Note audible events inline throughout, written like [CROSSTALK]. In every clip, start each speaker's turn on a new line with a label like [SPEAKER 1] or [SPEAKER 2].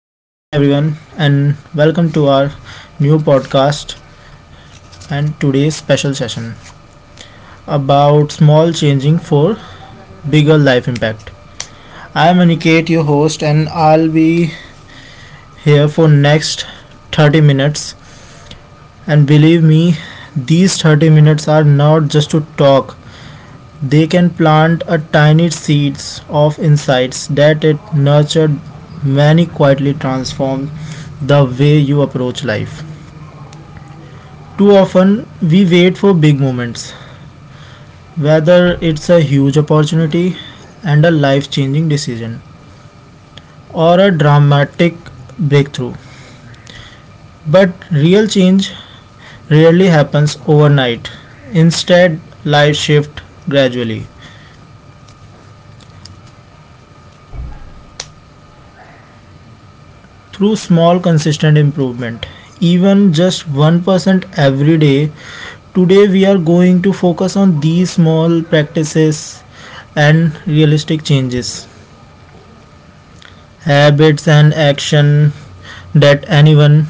[SPEAKER 1] Good evening, everyone, and welcome to our new podcast and today's special session about small changing for bigger life impact. I am Aniket, your host, and I'll be here for next 30 minutes. And believe me, these 30 minutes are not just to talk. They can plant a tiny seeds of insights that it nurtured many quietly transform the way you approach life. Too often, we wait for big moments, whether it's a huge opportunity and a life changing decision or a dramatic breakthrough. But real change rarely happens overnight. Instead, life shifts gradually through small, consistent improvement. Even just 1% every day, today we are going to focus on these small practices and realistic changes habits and action that anyone,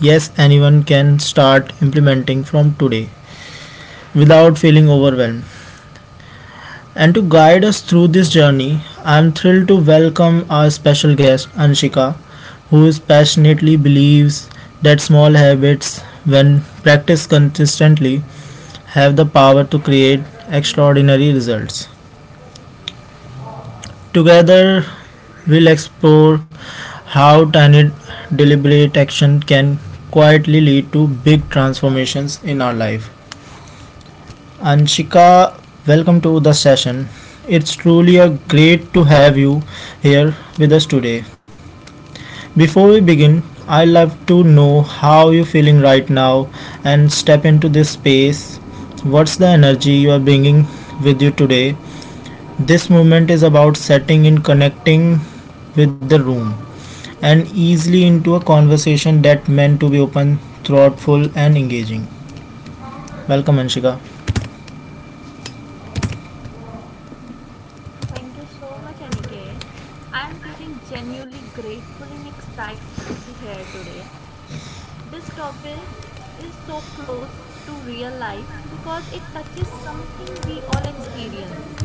[SPEAKER 1] yes, anyone can start implementing from today without feeling overwhelmed. And to guide us through this journey, I am thrilled to welcome our special guest Anshika, who is passionately believes that small habits, when practiced consistently, have the power to create extraordinary results. Together, we'll explore how tiny deliberate action can quietly lead to big transformations in our life. Anshika, welcome to the session. It's truly a great to have you here with us today. Before we begin, I'd love to know how you're feeling right now and step into this space. What's the energy you are bringing with you today? This movement is about setting in connecting with the room, and easily into a conversation that meant to be open, thoughtful, and engaging. Welcome, Anshika.
[SPEAKER 2] Thank you so much, Aniket. I am feeling genuinely grateful and excited to be here today. This topic is so close to real life because it touches something we all experience.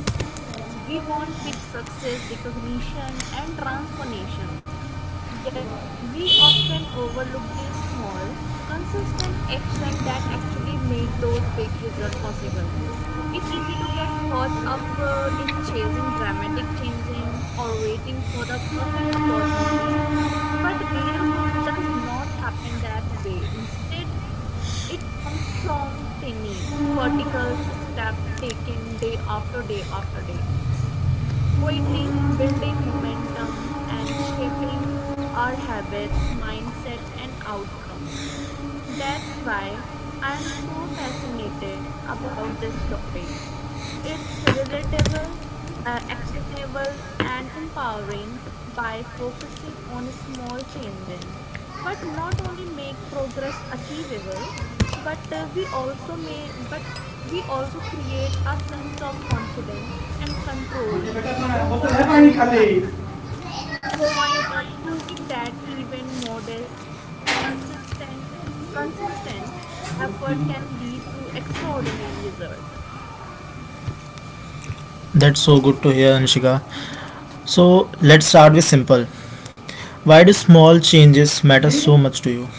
[SPEAKER 2] We want big success, recognition, and transformation. Yet, we often overlook the small, consistent action that actually make those big results possible. It's easy to get caught up in chasing dramatic changing or waiting for the perfect opportunity, but real growth does not happen that way. Instead, it comes from tiny particles step taken day after day after day quietly building momentum and shaping our habits, mindset, and outcomes. That's why I am so fascinated about this topic. It's relatable, actionable, and empowering by focusing on small changes, but not only make progress achievable but we also create a sense of confidence and control over own lives proving that even modest consistent consistent effort can lead to extraordinary result.
[SPEAKER 1] That's so good to hear, Anshika. So, let's start with simple. Why do small changes matter so much to you?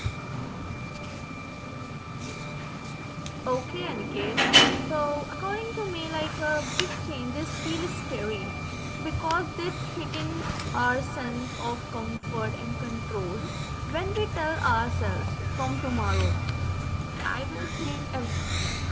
[SPEAKER 2] Okay, Aniket. So, according to me, big changes feel scary because they threaten our sense of comfort and control when we tell ourselves from tomorrow. I will change everything.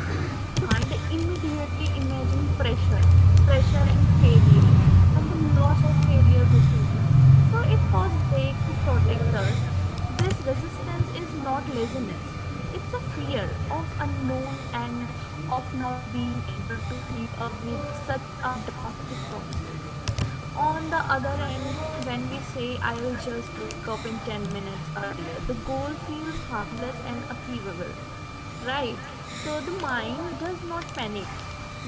[SPEAKER 2] The mind immediately imagines pressure, pressure and failure, and the loss of failure routine. So it was back to protect us. This resistance is not laziness. It's a fear of unknown and of not being able to keep up with such a drastic promises. On the other end, when we say I'll just wake up in 10 minutes earlier, the goal feels harmless and achievable. Right? So the mind does not panic.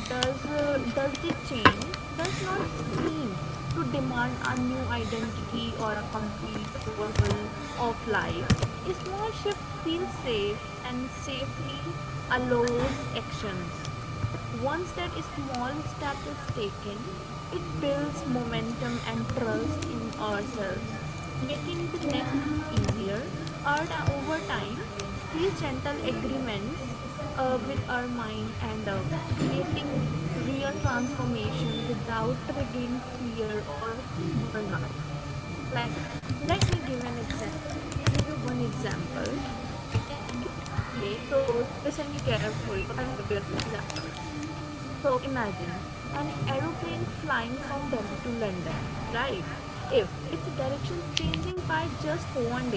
[SPEAKER 2] Does the change does not seem to demand a new identity or a complete overfull of life. A small shift feels safe and safely allows actions. Once that small step is taken, it builds momentum and trust in ourselves, making the next step easier. Over time, these gentle agreements with our mind end up creating real transformation without triggering fear or burnout. Like, let me give an example I'll give you one example, right, Aniket? So [LAUGHS] listen me carefully, I will give you an example. So imagine an aeroplane flying from Delhi to London, right? If its direction changing by just 1 degree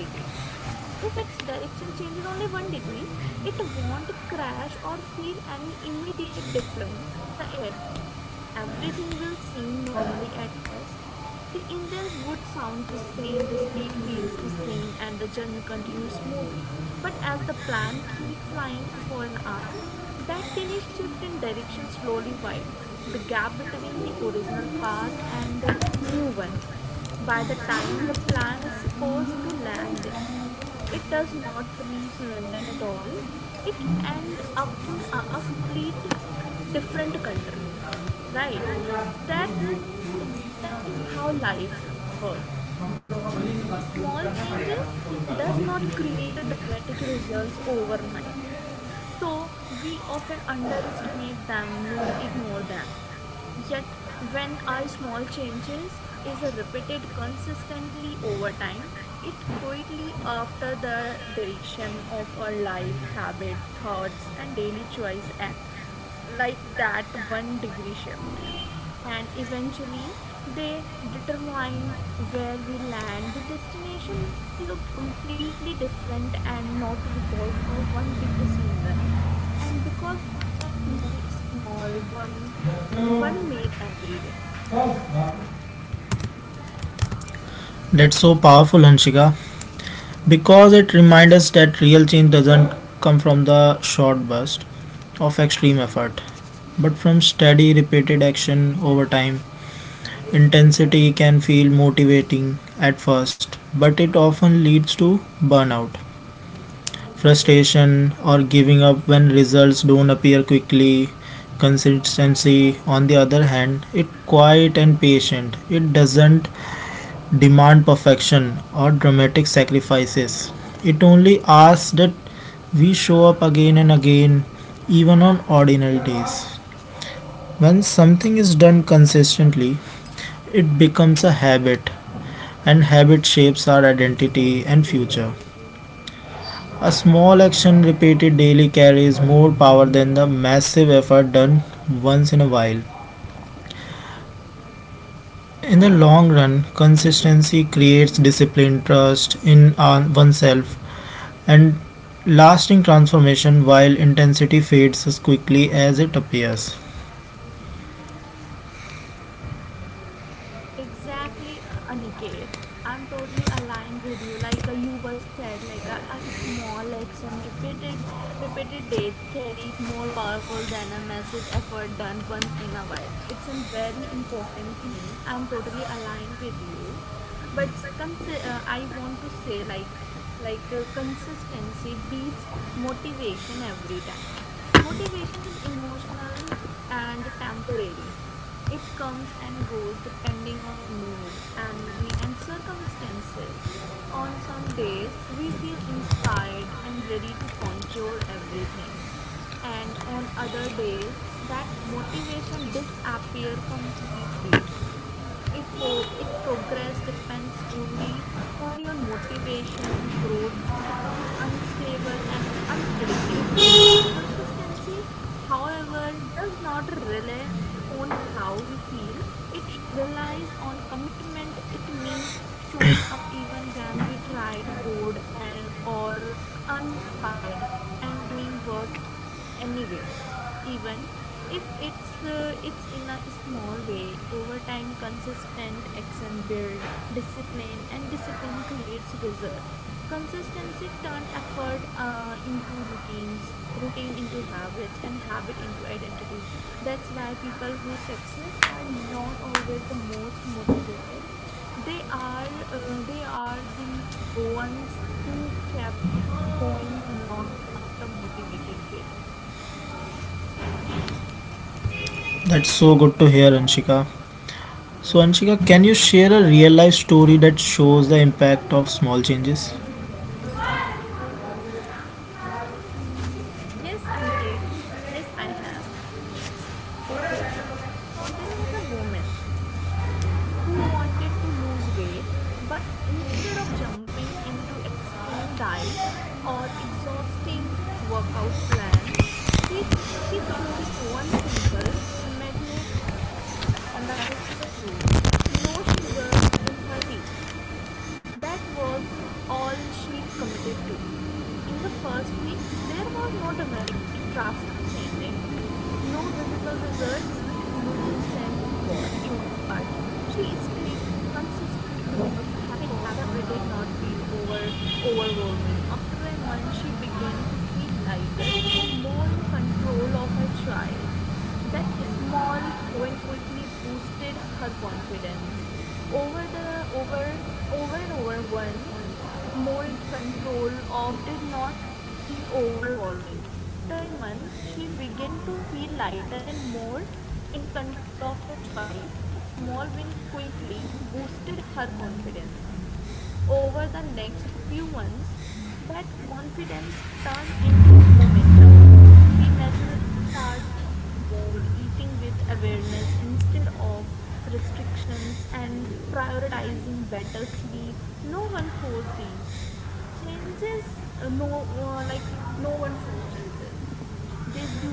[SPEAKER 2] if its direction changes only one degree, it won't crash or feel any immediate difference in the air. Everything will seem normally at first. The engines would sound the same, the speed feels the same, and the journey continues smoothly. But as the plane keep flying for an hour, that tiny shift in direction slowly widens, the gap between the original path and the new one. By the time the plane is supposed to land it. It does not reach London at all. It end up in a complete different country, right? So that's exactly how life works. Small changes does not create a dramatic results overnight, so we often underestimate them, no, ignore them. Yet when our small changes is repeated consistently over time, it quietly after the direction of our life habit thoughts and daily choice act like that one degree shift, and eventually they determine where we land. The destination may look completely different and not because of one big decision and because of many small one made every day.
[SPEAKER 1] That's so powerful, Anshika, because it reminds us that real change doesn't come from the short burst of extreme effort, but from steady, repeated action over time. Intensity can feel motivating at first, but it often leads to burnout, frustration, or giving up when results don't appear quickly. Consistency, on the other hand, it quiet and patient. It doesn't demand perfection or dramatic sacrifices. It only asks that we show up again and again, even on ordinary days. When something is done consistently, it becomes a habit and habit shapes our identity and future. A small action repeated daily carries more power than the massive effort done once in a while. In the long run, consistency creates discipline, trust in oneself, and lasting transformation while intensity fades as quickly as it appears.
[SPEAKER 2] Exactly, Aniket. I'm totally aligned with you. You were said, like a small action repeated daily carries more powerful than a massive effort done once in a while. It's a very important thing. I'm totally aligned with you, but I want to say like consistency beats motivation every time. Motivation is emotional and temporary. It comes and goes depending on mood, energy, and circumstances. On some days, we feel inspired and ready to conquer everything. And on other days, that motivation disappears completely. It progress depends only on motivation. Growth becomes unstable and unpredictable. Consistency, however, does not rely on how we feel. It relies on commitment. It means showing up even when we tried, bored, and or uninspired, and doing work anyway, even if it's in a small way. Over time consistent action build discipline, and discipline creates result. Consistency turn effort into routines, routine into habits, and habit into identity. That's why people who success are not always the most motivated. They are the ones who kept going long after motivated faded.
[SPEAKER 1] That's so good to hear, Anshika. So, Anshika, can you share a real life story that shows the impact of small changes?
[SPEAKER 2] Hmm. Yes, Aniket. Yes, I have. Okay, so there was a woman who wanted to lose weight, but instead of jumping into extreme diet or exhausting workout plans, she she chose one simple, magne, manageable rule: no sugar in her tea. That was all she committed to. In the first week, there was no dramatic drastic changing, no visible results, and no instant reward. But she stayed consistent because the habit did not feel overwhelming. After a month, she began to feel lighter and more in control of her choice. That small win quickly boosted her confidence. Over the over over and over one more in control of did not feel overwhelming. After a month she began to feel lighter and more in control of her choice. That small win quickly boosted her confidence. Over the next few months, that confidence turned into momentum. She naturally started walking more, eating with awareness instead of restrictions, and prioritizing better sleep. No one forced these changes. No one forced changes.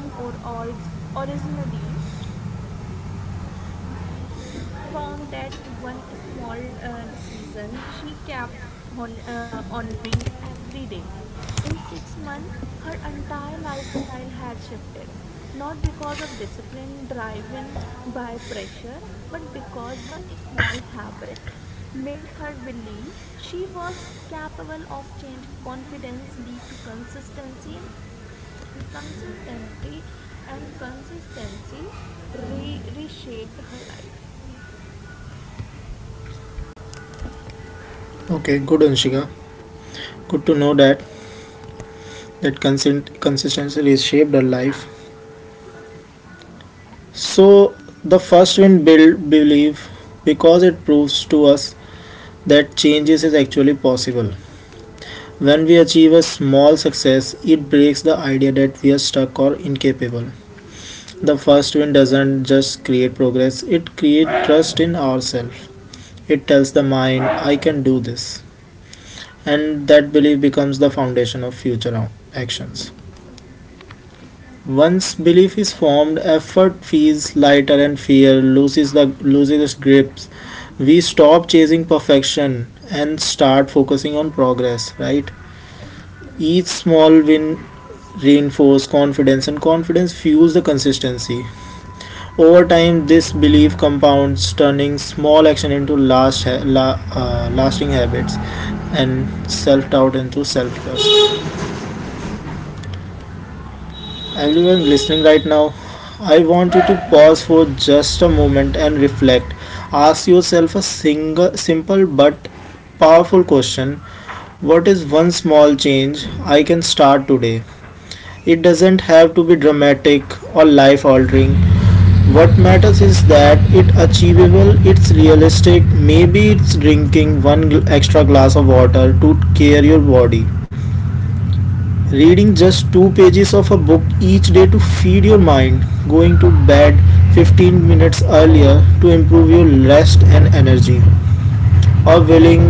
[SPEAKER 2] They do or originally from that one small decision, she kept on honoring every day. In 6 months, her entire lifestyle had shifted, not because of discipline driven by pressure, but because one small habit made her believe she was capable of change. Confidence lead to consistency, and consistency reshaped her life.
[SPEAKER 1] Okay, good, Anshika. Good to know that that consent consistency
[SPEAKER 2] Yeah.
[SPEAKER 1] reshaped her life. So
[SPEAKER 2] Yes,
[SPEAKER 1] the first win build belief, because it proves to us that changes is actually possible. When we achieve a small success, it breaks the idea that we are stuck or incapable. The first win doesn't just create progress, it creates trust in ourselves. It tells the mind, I can do this, and that belief becomes the foundation of future actions. Once belief is formed, effort feels lighter and fear loses its grips. We stop chasing perfection and start focusing on progress, right? Each small win reinforces confidence and confidence fuels the consistency. Over time, this belief compounds, turning small action into lasting habits and self-doubt into self-trust. Everyone listening right now, I want you to pause for just a moment and reflect. Ask yourself a single, simple but powerful question. What is one small change I can start today? It doesn't have to be dramatic or life altering. What matters is that it's achievable, it's realistic. Maybe it's drinking extra glass of water to care your body, reading just two pages of a book each day to feed your mind, going to bed 15 minutes earlier to improve your rest and energy, or willing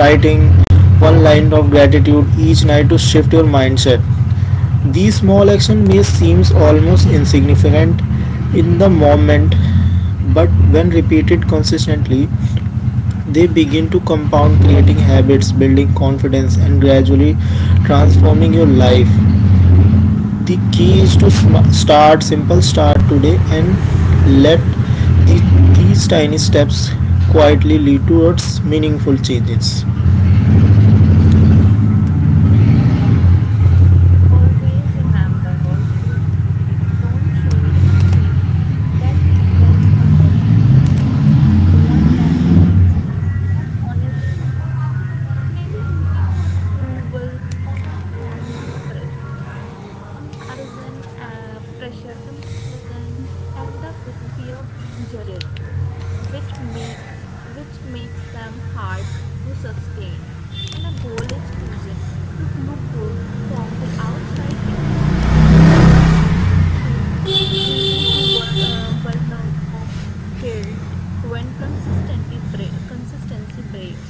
[SPEAKER 1] writing one line of gratitude each night to shift your mindset. These small actions may seem almost insignificant in the moment, but when repeated consistently, they begin to compound, creating habits, building confidence, and gradually transforming your life. The key is to start simple, start today, and let the, these tiny steps quietly lead towards meaningful changes.
[SPEAKER 2] always remember, always don't choose a change that impress others. Choose one that feels easy and honest to you. Changes made for approval often come with pressure. Pressure, comparison, and the fear of being judged, which make which makes them hard to sustain. When a goal is chosen to look good from the outside, it usually demands too much too soon, leading to burnout of guilt when consistency breaks.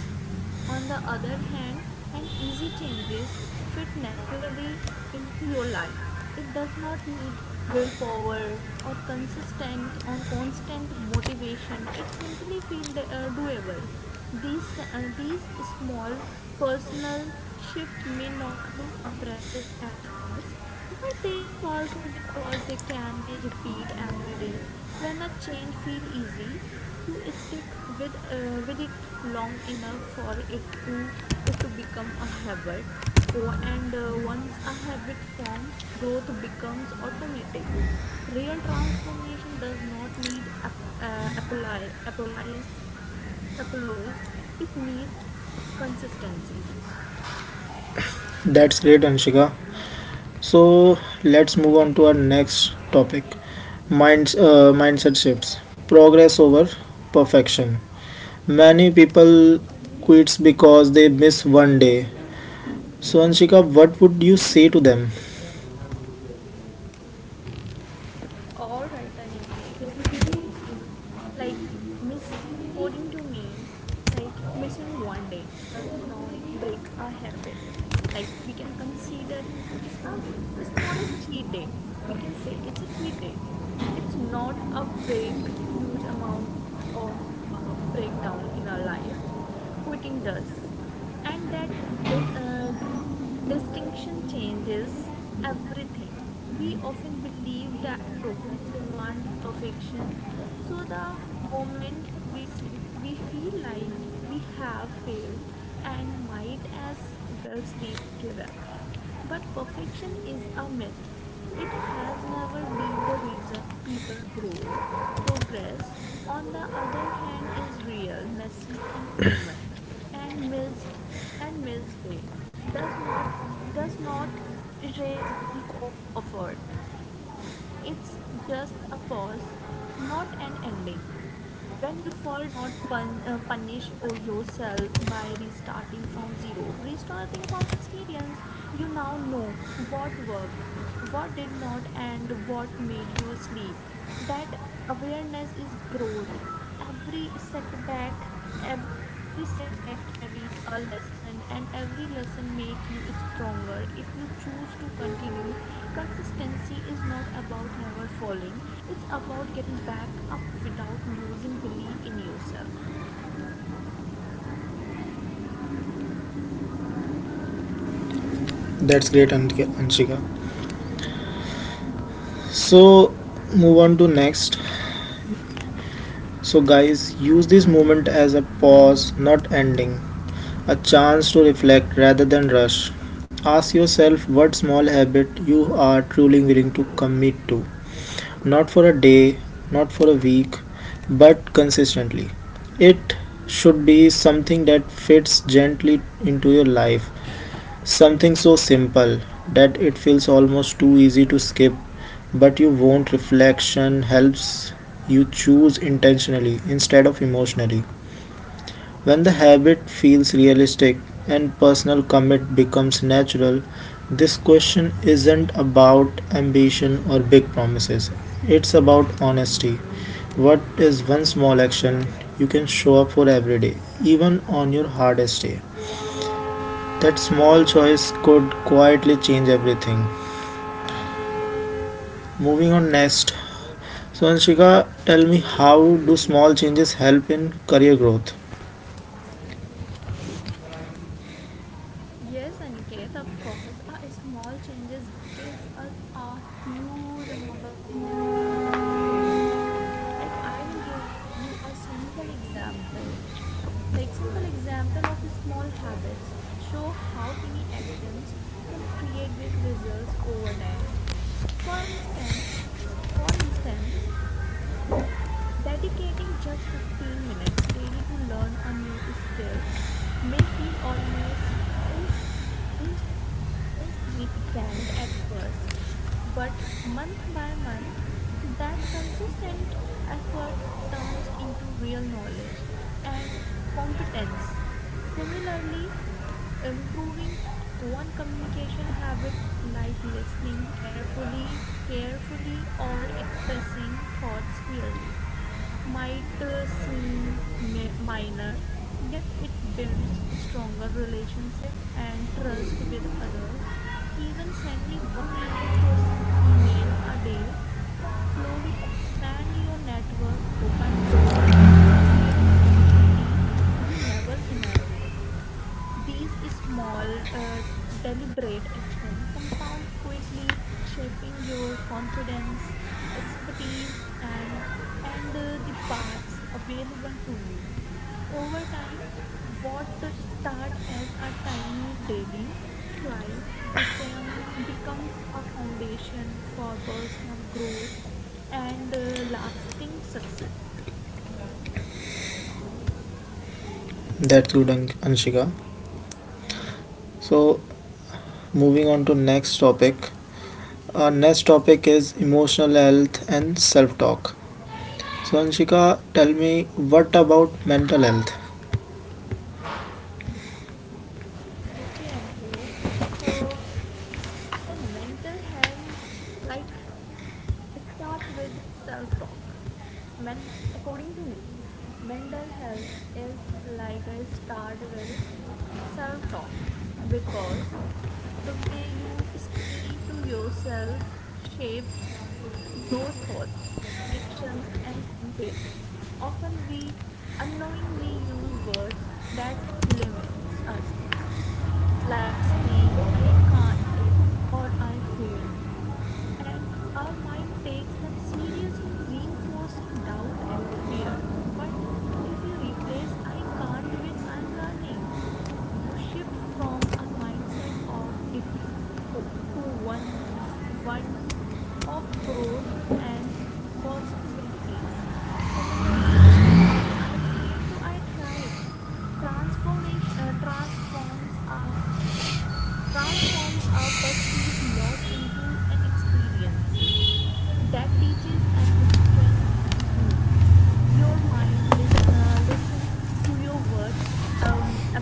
[SPEAKER 2] On the other hand, an easy changes fit naturally into your life. It does not need willpower or consistent on constant motivation. It simply feels doable. These small personal shift may not look impressive at first, but they are powerful because they can be repeat every day. When a change feel easy, you stick with it long enough for it to become a habit. Or- and once a habit form, growth becomes automatic. Real transformation does not need ap- apply applies Applause. It needs consistency.
[SPEAKER 1] That's great, Anshika. So, let's move on to our next topic, mindset shifts, progress over perfection. Many people quits because they miss one day. So, Anshika, what would you say to them?
[SPEAKER 2] All right, Aniket. Like, missing, according to me, like, missing one day does not break a habit. Like we can consider it's a smaller cheat day. We can say it's a cheat day. It's not a break huge amount of breakdown in our life. Quitting does. And that dis- uh, distinction changes everything. We often believe that progress demand perfection. So the moment we sleep, we feel like we have failed and might as well sleep give up. But perfection is a myth. It has never been the reason people grow. Progress, on the other hand, is real, messy, and human, and missed day does not does not erase week of effort. It's just a pause, not an ending. When you fall, does not punish or yourself by restarting from zero. Restarting from experience, you now know what worked, what did not, and what made you sleep. That awareness is growth. Every setback every setback carries a lesson, and every lesson make you stronger if you choose to continue. Consistency is not about never falling. It's about getting back up without losing belief in yourself.
[SPEAKER 1] That's great, Anshika. So, move on to next. So, guys, use this moment as a pause, not ending, a chance to reflect rather than rush. Ask yourself what small habit you are truly willing to commit to, not for a day, not for a week, but consistently. It should be something that fits gently into your life, something so simple that it feels almost too easy to skip, but you won't. Reflection helps you choose intentionally instead of emotionally. When the habit feels realistic and personal, commit becomes natural. This question isn't about ambition or big promises. It's about honesty. What is one small action you can show up for every day, even on your hardest day? That small choice could quietly change everything. Moving on next. So, Anshika, tell me how do small changes help in career growth?
[SPEAKER 2] Yes, Aniket, of course. A small changes gives us a huge amount of changes in our career growth. Like, I will give you a simple example. Like simple example of small habits show how tiny actions can create big results over time. For instance, for instance, dedicating just 15 minutes daily to learn a new skills may feel almost ins- ins- insignificant at first, but month by month, that consistent effort turns into real knowledge and competence. Similarly, improving one communication habit like listening carefully or expressing thoughts clearly might seem minor, yet it builds a stronger relationship and trust with others. Even sending one meaningful email a day can slowly expand your network, open door, and create opportunities you never imagined. These small, deliberate action compound quickly, shaping your confidence, expertise, and the paths available to you. Over time, what start as a tiny daily choice become becomes a foundation for personal growth and lasting success.
[SPEAKER 1] That's good, Anshika. So, moving on to next topic. Our next topic is emotional health and self talk. So, Anshika, tell me what about mental health?
[SPEAKER 2] Okay, Aniket. So, so mental health, like. Start with self talk. Men, according to me, mental health is like a start with self talk because the way you speak to yourself shapes your thoughts, actions, and confidence. Often we unknowingly use words that limits us, like saying I can't or I failed, and our mind takes them seriously, reinforcing doubt and fear. But if you replace I can't with I'm learning, you shift from a mindset of defeat to one of growth and possibilities. Similarly, changing I failed to I tried transformation transforms our perceived loss into an experiences that teaches and strengthens you. Your mind listens to your words, um, abs-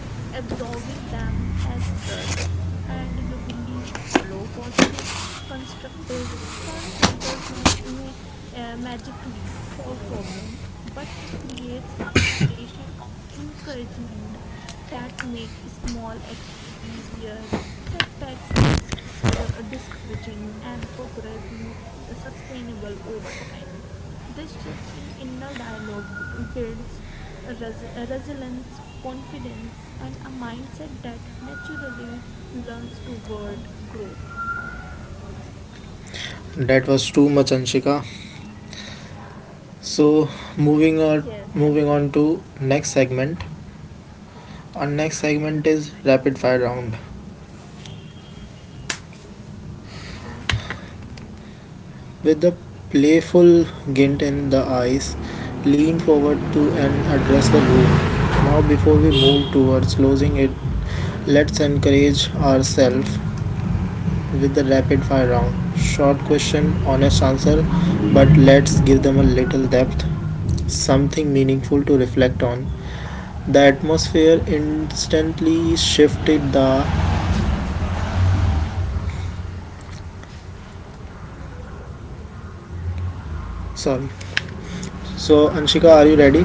[SPEAKER 2] absorbing them as trust and your belief follow positive constructive self-work. Does not magically solve problem, but it creates a foundation of encouragement that makes small action easier, setbacks less discouraging, and progress more sustainable over time. This shift in inner dialogue builds a resilience, confidence, and a mindset that naturally learns toward growth.
[SPEAKER 1] That was too much, Anshika. So, moving on,
[SPEAKER 2] Yes,
[SPEAKER 1] moving on
[SPEAKER 2] Aniket.
[SPEAKER 1] to next segment. Our next segment is rapid fire round.
[SPEAKER 2] Okay, okay.
[SPEAKER 1] With the playful glint in the eyes, lean forward to and address the room. Now, before we move towards closing it, let's encourage ourselves with the rapid fire round. Short question, honest answer, but let's give them a little depth, something meaningful to reflect on. The atmosphere instantly shifted the. Sorry. So, Anshika, are you ready?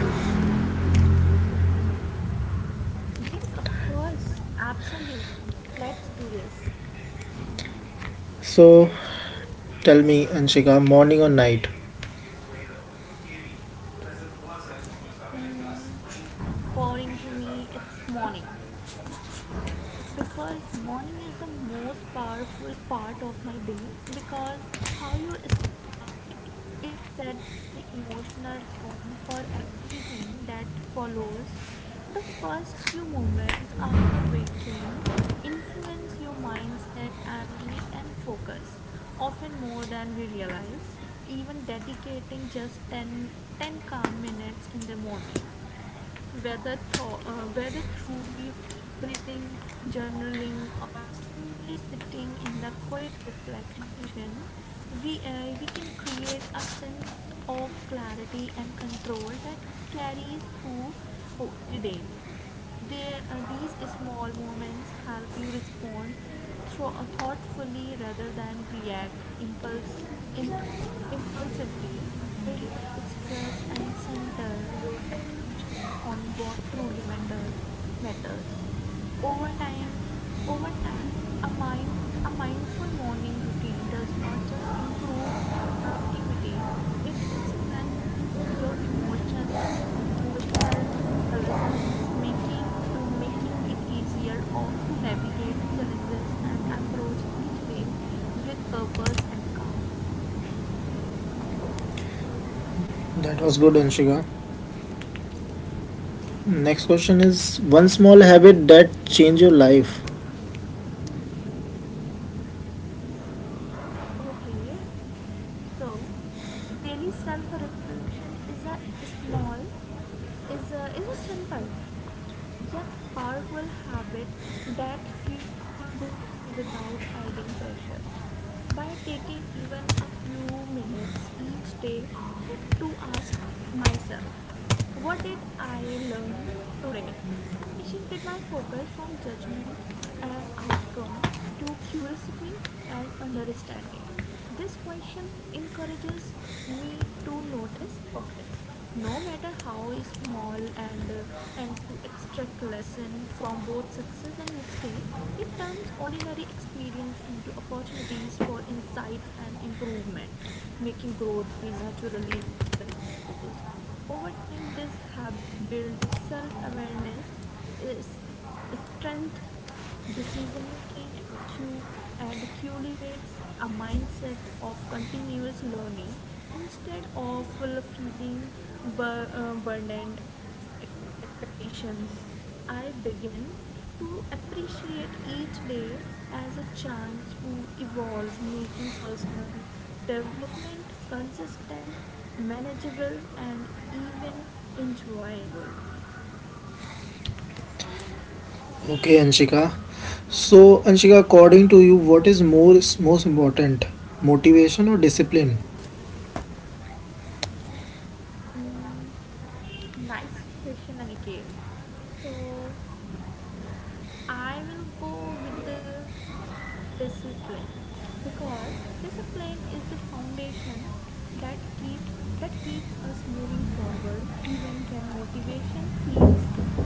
[SPEAKER 2] Yes, of course, absolutely. Let's do this.
[SPEAKER 1] So, tell me, Anshika, morning or night?
[SPEAKER 2] Mm, according to me, it's morning, because morning is the most powerful part of my day because how you start it, it sets the emotional tone for everything that follows. The first few moments after waking influence your mindset, energy, and focus often more than we realize. Even dedicating just ten calm minutes in the morning, whether through deep breathing, journaling, or simply sitting in the quiet reflection, we can create a sense of clarity and control that carries through oh, the day. These small moments help you respond thoughtfully rather than react impulsively, reduce stress, and center your attention on what truly matters. Over time, over times, a mind a mindful morning routine does not just improve productivity, it strengthens your emotional resilience, making it easier or to navigate challenges and approach each day with purpose and calm.
[SPEAKER 1] That was good, Anshika. Next question is one small
[SPEAKER 2] Thank you,
[SPEAKER 1] habit that
[SPEAKER 2] Aniket.
[SPEAKER 1] changed your life.
[SPEAKER 2] Okay, so daily self reflection is a small is a simple yet powerful habit that fuel growth without adding pressure. By taking even a few minutes each day to ask myself, what did I learn today? I shifted my focus from judgment and outcomes to curiosity and understanding. This question encourages me to notice progress, no matter how small, and to extract lesson from both success and mistake. It turns ordinary experience into opportunities for insights and improvement, making growth feel naturally rather than forced. Over time, this habit builds self-awareness, is strength decision making and and cultivates a mindset of continuous learning. Instead of well, feeling burdened of expectations, I begin to appreciate each day as a chance to evolve, making personal development consistent, manageable, and even enjoyable.
[SPEAKER 1] Okay, Anshika. So, Anshika, according to you, what is more most important, motivation or discipline?
[SPEAKER 2] Mm, nice question, Aniket. So I will go with the discipline because discipline is the foundation that keep that keeps us moving forward even when motivation feeds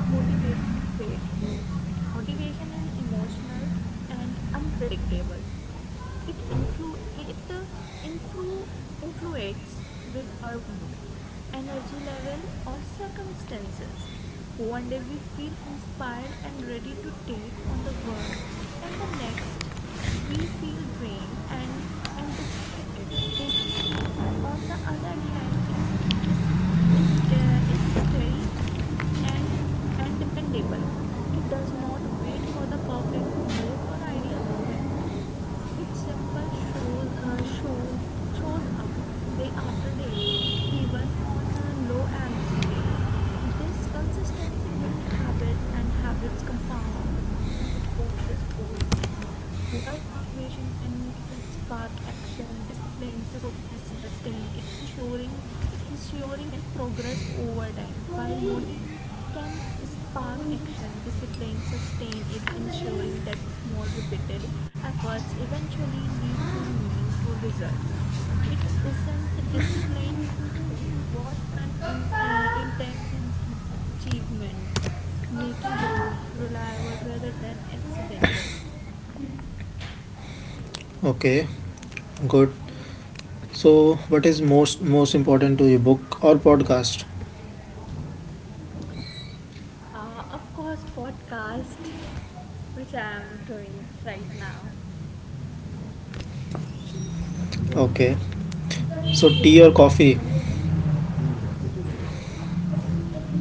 [SPEAKER 2] when motivation fades. Motivation is emotional and unpredictable, it influ it influ influates with our mood, energy level, or circumstances. One day we feel inspired and ready to take on the world, and the next we feel drained and distracted. Discipline, on the other hand, is is, is steady and dependable. It does not wait for the perfect mood or ideal moment. It simple shows up day after day, even on a low energy day. This consistency builds habits, and habits compound into progress over time. While motivation can spark action, discipline sustain it, ensuring progress over time. While motivation can spark action, discipline sustain it, ensuring that small repeated efforts eventually lead to meaningful results. It isn't discipline is what intentions into achievements, making growth reliable rather than accidental.
[SPEAKER 1] Okay, good. So, what is most most important to you, book or podcast?
[SPEAKER 2] Of course, podcast, which I am doing right now.
[SPEAKER 1] Okay. So, tea or coffee?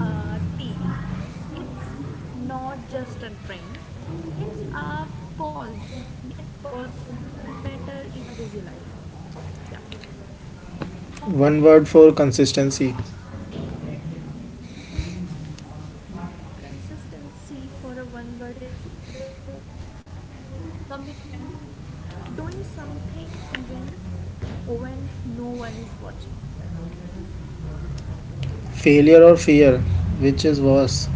[SPEAKER 2] Tea. It's not just a drink, it's a pause. That pause matter in a busy life. Yeah.
[SPEAKER 1] One word for consistency.
[SPEAKER 2] Consistency for a one word is commitment. Doing something even when no one is watching.
[SPEAKER 1] Failure or fear? Which is worse?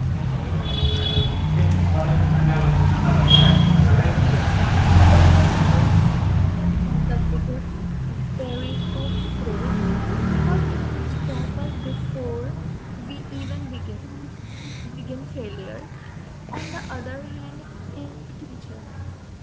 [SPEAKER 2] Fear. Fear is one of the biggest barriers of growth because it stops us before we even begin. Begin failure, on the other hand, is a teacher.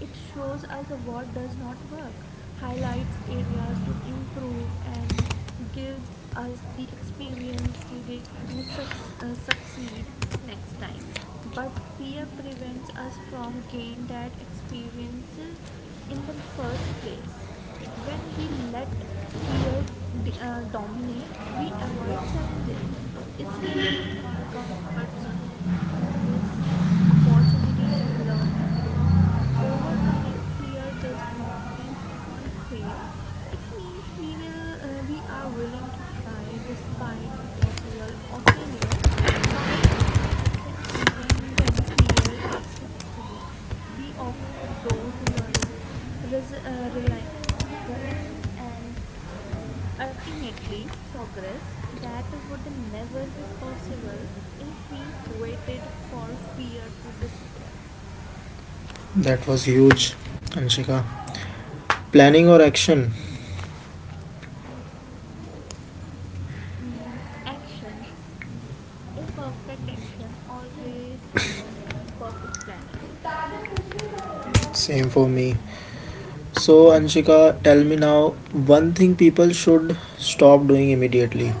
[SPEAKER 2] It shows us what does not work, highlights areas to improve, and gives us the experience needed to succeed next time. But fear prevents us from gain that experiences in the first place. When we let fear dominate, we avoid challenges, stay in our comfort zone, and miss opportunities to learn and grow. Overcoming fear does not mean we won't fail, it means we are willing to try despite the possible of failure. By taking action even when fear is present, we open the door to learning, res- uh, reli- reliance, and ultimately progress that would never be possible if we waited for fear to disappear.
[SPEAKER 1] That was huge, Anshika. Planning or action?
[SPEAKER 2] Mm, action. Imperfect action always beat perfect planning.
[SPEAKER 1] Same for me. So, Anshika, tell me now one thing people should stop doing immediately.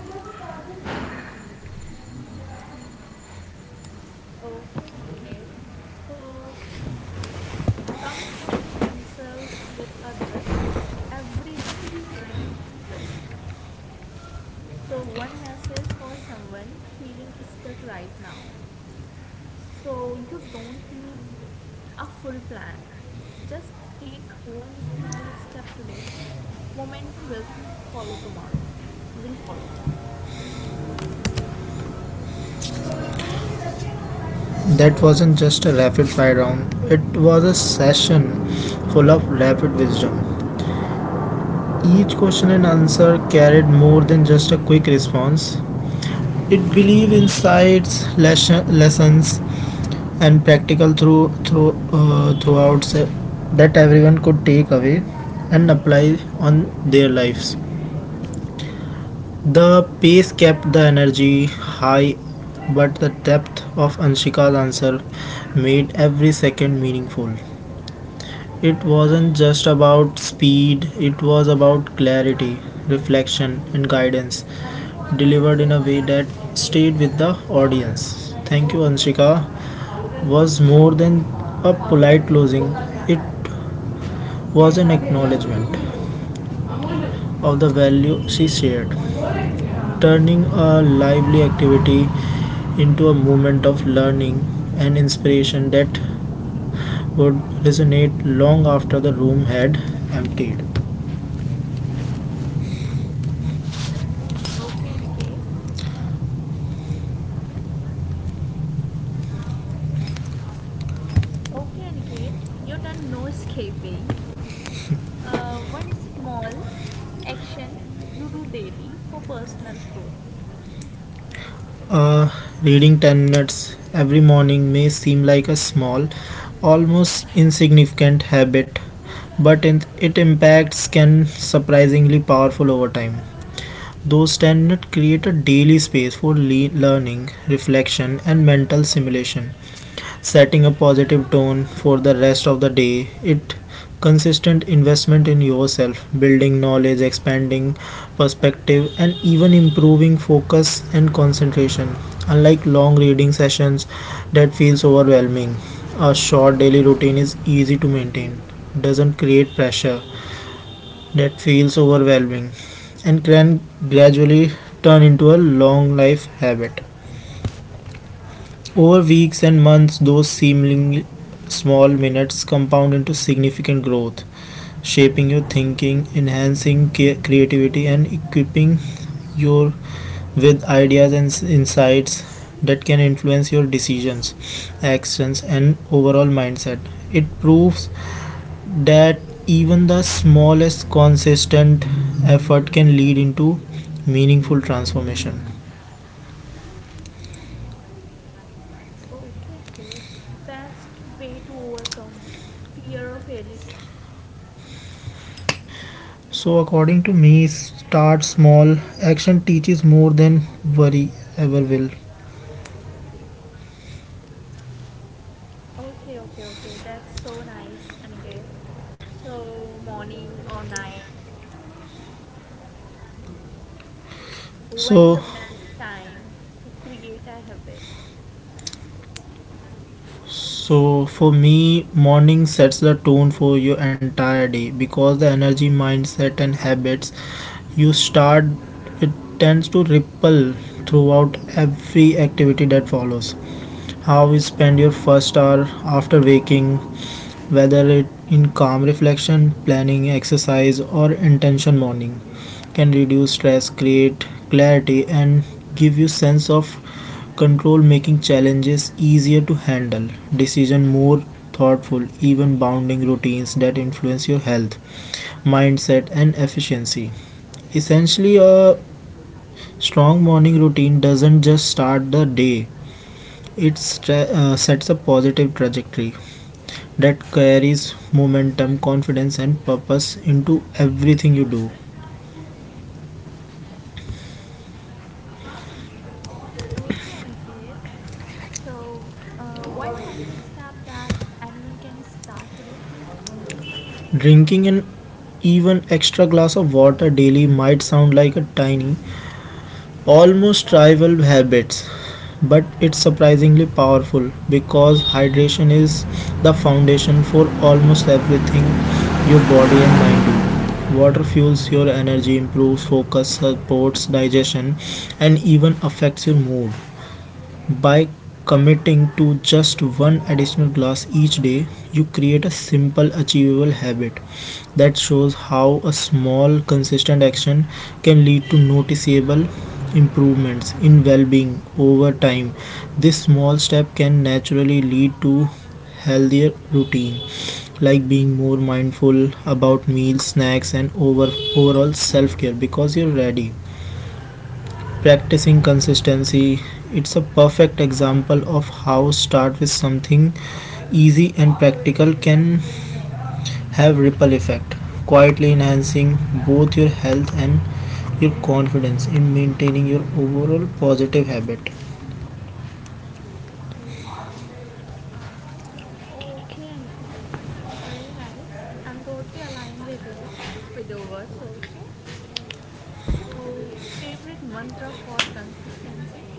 [SPEAKER 2] Okay, Niket. So, comparing themselves with other, everyone timeline is different. So, one message for someone feeling stuck right now. So, you don't need a full plan. Just take one small step today. Momentum will follow tomorrow. Will follow.
[SPEAKER 1] That wasn't just a rapid fire round, it was a session full of rapid wisdom. Each question and answer carried more than just a quick response. It believed insights, lessons, and practical throughout that everyone could take away and apply on their lives. The pace kept the energy high, but the depth of Anshika's answer made every second meaningful. It wasn't just about speed; it was about clarity, reflection, and guidance, delivered in a way that stayed with the audience. Thank you, Anshika, was more than a polite closing, it was an acknowledgement of the value she shared, turning a lively activity into a moment of learning and inspiration that would resonate long after the room had emptied.
[SPEAKER 2] Okay. Okay, Aniket. Okay, Aniket, your turn. No escaping. One small action you do daily for personal growth.
[SPEAKER 1] Uh, Reading 10 minutes every morning may seem like a small, almost insignificant habit, but its impacts can surprisingly powerful over time. Those 10 minutes create a daily space for learning, reflection, and mental simulation, setting a positive tone for the rest of the day. It consistent investment in yourself, building knowledge, expanding perspective, and even improving focus and concentration. Unlike long reading sessions that feels overwhelming, a short daily routine is easy to maintain, doesn't create pressure that feels overwhelming, and can gradually turn into a long life habit. Over weeks and months, those seemingly small minutes compound into significant growth, shaping your thinking, enhancing creativity, and equipping you with ideas and insights that can influence your decisions, actions, and overall mindset. It proves that even the smallest
[SPEAKER 2] Okay,
[SPEAKER 1] consistent effort can lead into meaningful transformation.
[SPEAKER 2] okay, Aniket. Best way to overcome fear of failure.
[SPEAKER 1] So, according to me, start small. Action teaches more than worry ever will.
[SPEAKER 2] Okay, okay, okay. That's so nice, Aniket. So, morning or night, when the
[SPEAKER 1] So,
[SPEAKER 2] best time to create a habit?
[SPEAKER 1] so for me, morning sets the tone for your entire day because the energy, mindset, and habits you start it tends to ripple throughout every activity that follows. How you spend your first hour after waking, whether it in calm reflection, planning, exercise, or intention morning, can reduce stress, create clarity and give you sense of control, making challenges easier to handle, decision more thoughtful, even bounding routines that influence your health, mindset and efficiency. Essentially, a strong morning routine doesn't just start the day, it sets a positive trajectory that carries momentum, confidence and purpose into everything you do.
[SPEAKER 2] Okay, Aniket. So, one tiny step that anyone can start today.
[SPEAKER 1] Drinking an even extra glass of water daily might sound like a tiny, almost trivial habits, but it's surprisingly powerful because hydration is the foundation for almost everything your body and mind do. Water fuels your energy, improves focus, supports digestion, and even affects your mood. By committing to just one additional glass each day, you create a simple achievable habit that shows how a small consistent action can lead to noticeable improvements in well-being over time. This small step can naturally lead to healthier routine, like being more mindful about meals, snacks, and overall self-care, because you're ready practicing consistency. It's a perfect example of how start with something easy and practical can have ripple effect, quietly enhancing both your health and your confidence in maintaining your overall positive habit.
[SPEAKER 2] Okay, Aniket, very nice. I'm totally aligned with you, with your words also. So, favorite mantra for consistency?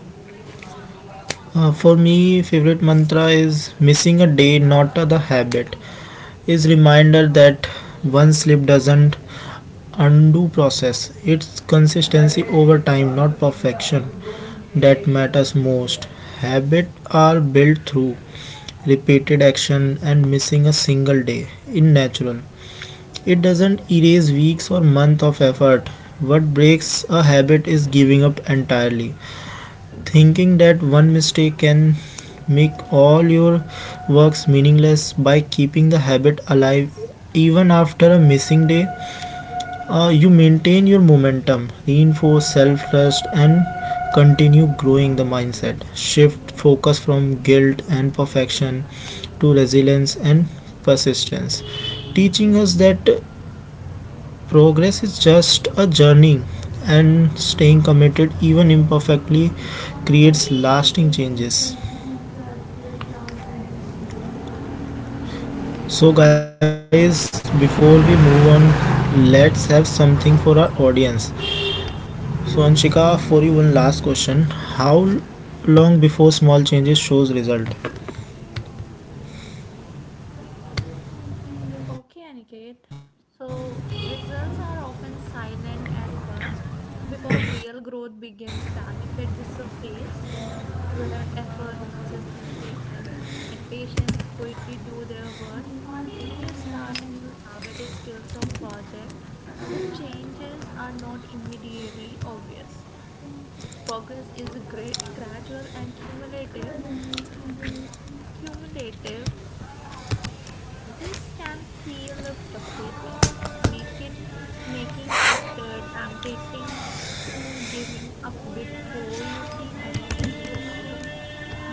[SPEAKER 1] For me favorite mantra is missing a day not the habit is reminder that one slip doesn't undo process. It's consistency over time, not perfection, that matters most. Habits are built through repeated action, and missing a single day in natural. It doesn't erase weeks or months of effort. What breaks a habit is giving up entirely, thinking that one mistake can make all your works meaningless. By keeping the habit alive even after a missing day, you maintain your momentum, reinforce self trust, and continue growing the mindset. Shift focus from guilt and perfection to resilience and persistence, teaching us that progress is just a journey, and staying committed, even imperfectly, creates lasting changes. So, guys, before we move on, let's have something for our audience. So, Anshika, for you one last question. How long before small changes shows result?
[SPEAKER 2] Okay, Aniket. So results are often silent at first because real growth begins benefit the surface where effort, consistency, and patience quickly do their work. When you start a new habit or skills or project, the changes are not immediately obvious. Progress is gradual and cumulative. This can feel frustrating, make it making it tempting to giving up before you see any visible outcome.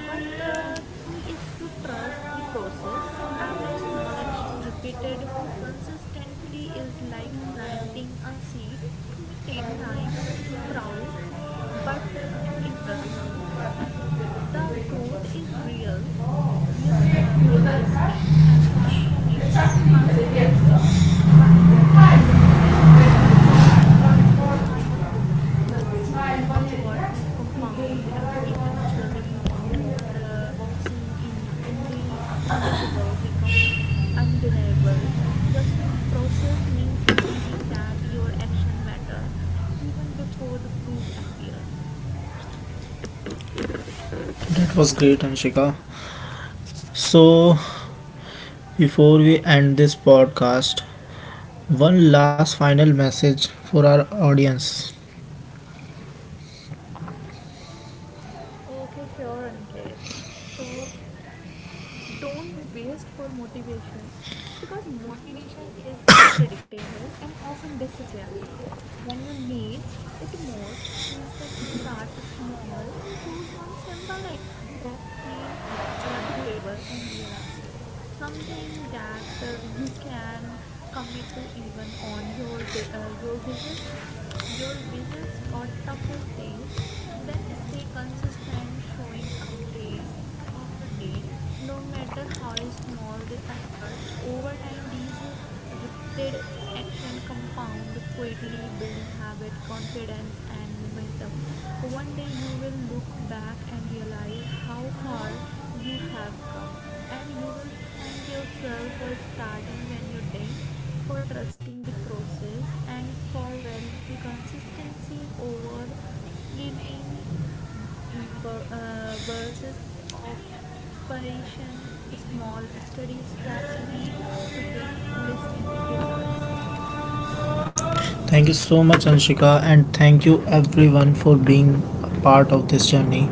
[SPEAKER 2] But the key is to trust the process. Every small action repeated consistently is like planting a seed. It may take time to sprout, but when it does, the growth is realizing and transformative. By staying committed even when results are not visible, you allow effort to compound, and eventually, what seen in the invisible become undeniable. Trusting the process means believing that your action matter even before the proof appears.
[SPEAKER 1] That was great, Anshika. So, before we end this podcast, one last final message for our audience.
[SPEAKER 2] Okay, sure, Aniket. So don't waste for motivation because motivation is unpredictable and often disappear. When you need it most, instead start small. Choose one simple action that feel doable and realistic. Something that you can commit to even on your busiest or toughest days. Then stay consistent, showing up day after day, no matter how small the effort. Over time, these repeated action compound quietly, building habit, confidence, and momentum. One day, you will look back and realize how far you have come, and you will thank yourself for starting when you did, for trusting the process, and for valuing consistency over fleeting bursts of inspiration. Small study steps lead to big listening results.
[SPEAKER 1] Thank you so much, Anshika, and thank you everyone for being a part of this journey.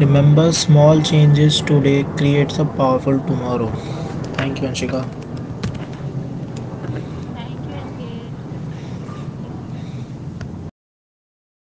[SPEAKER 1] Remember, small changes today creates a powerful tomorrow. Thank you, Anshika.
[SPEAKER 2] Thank you, Aniket.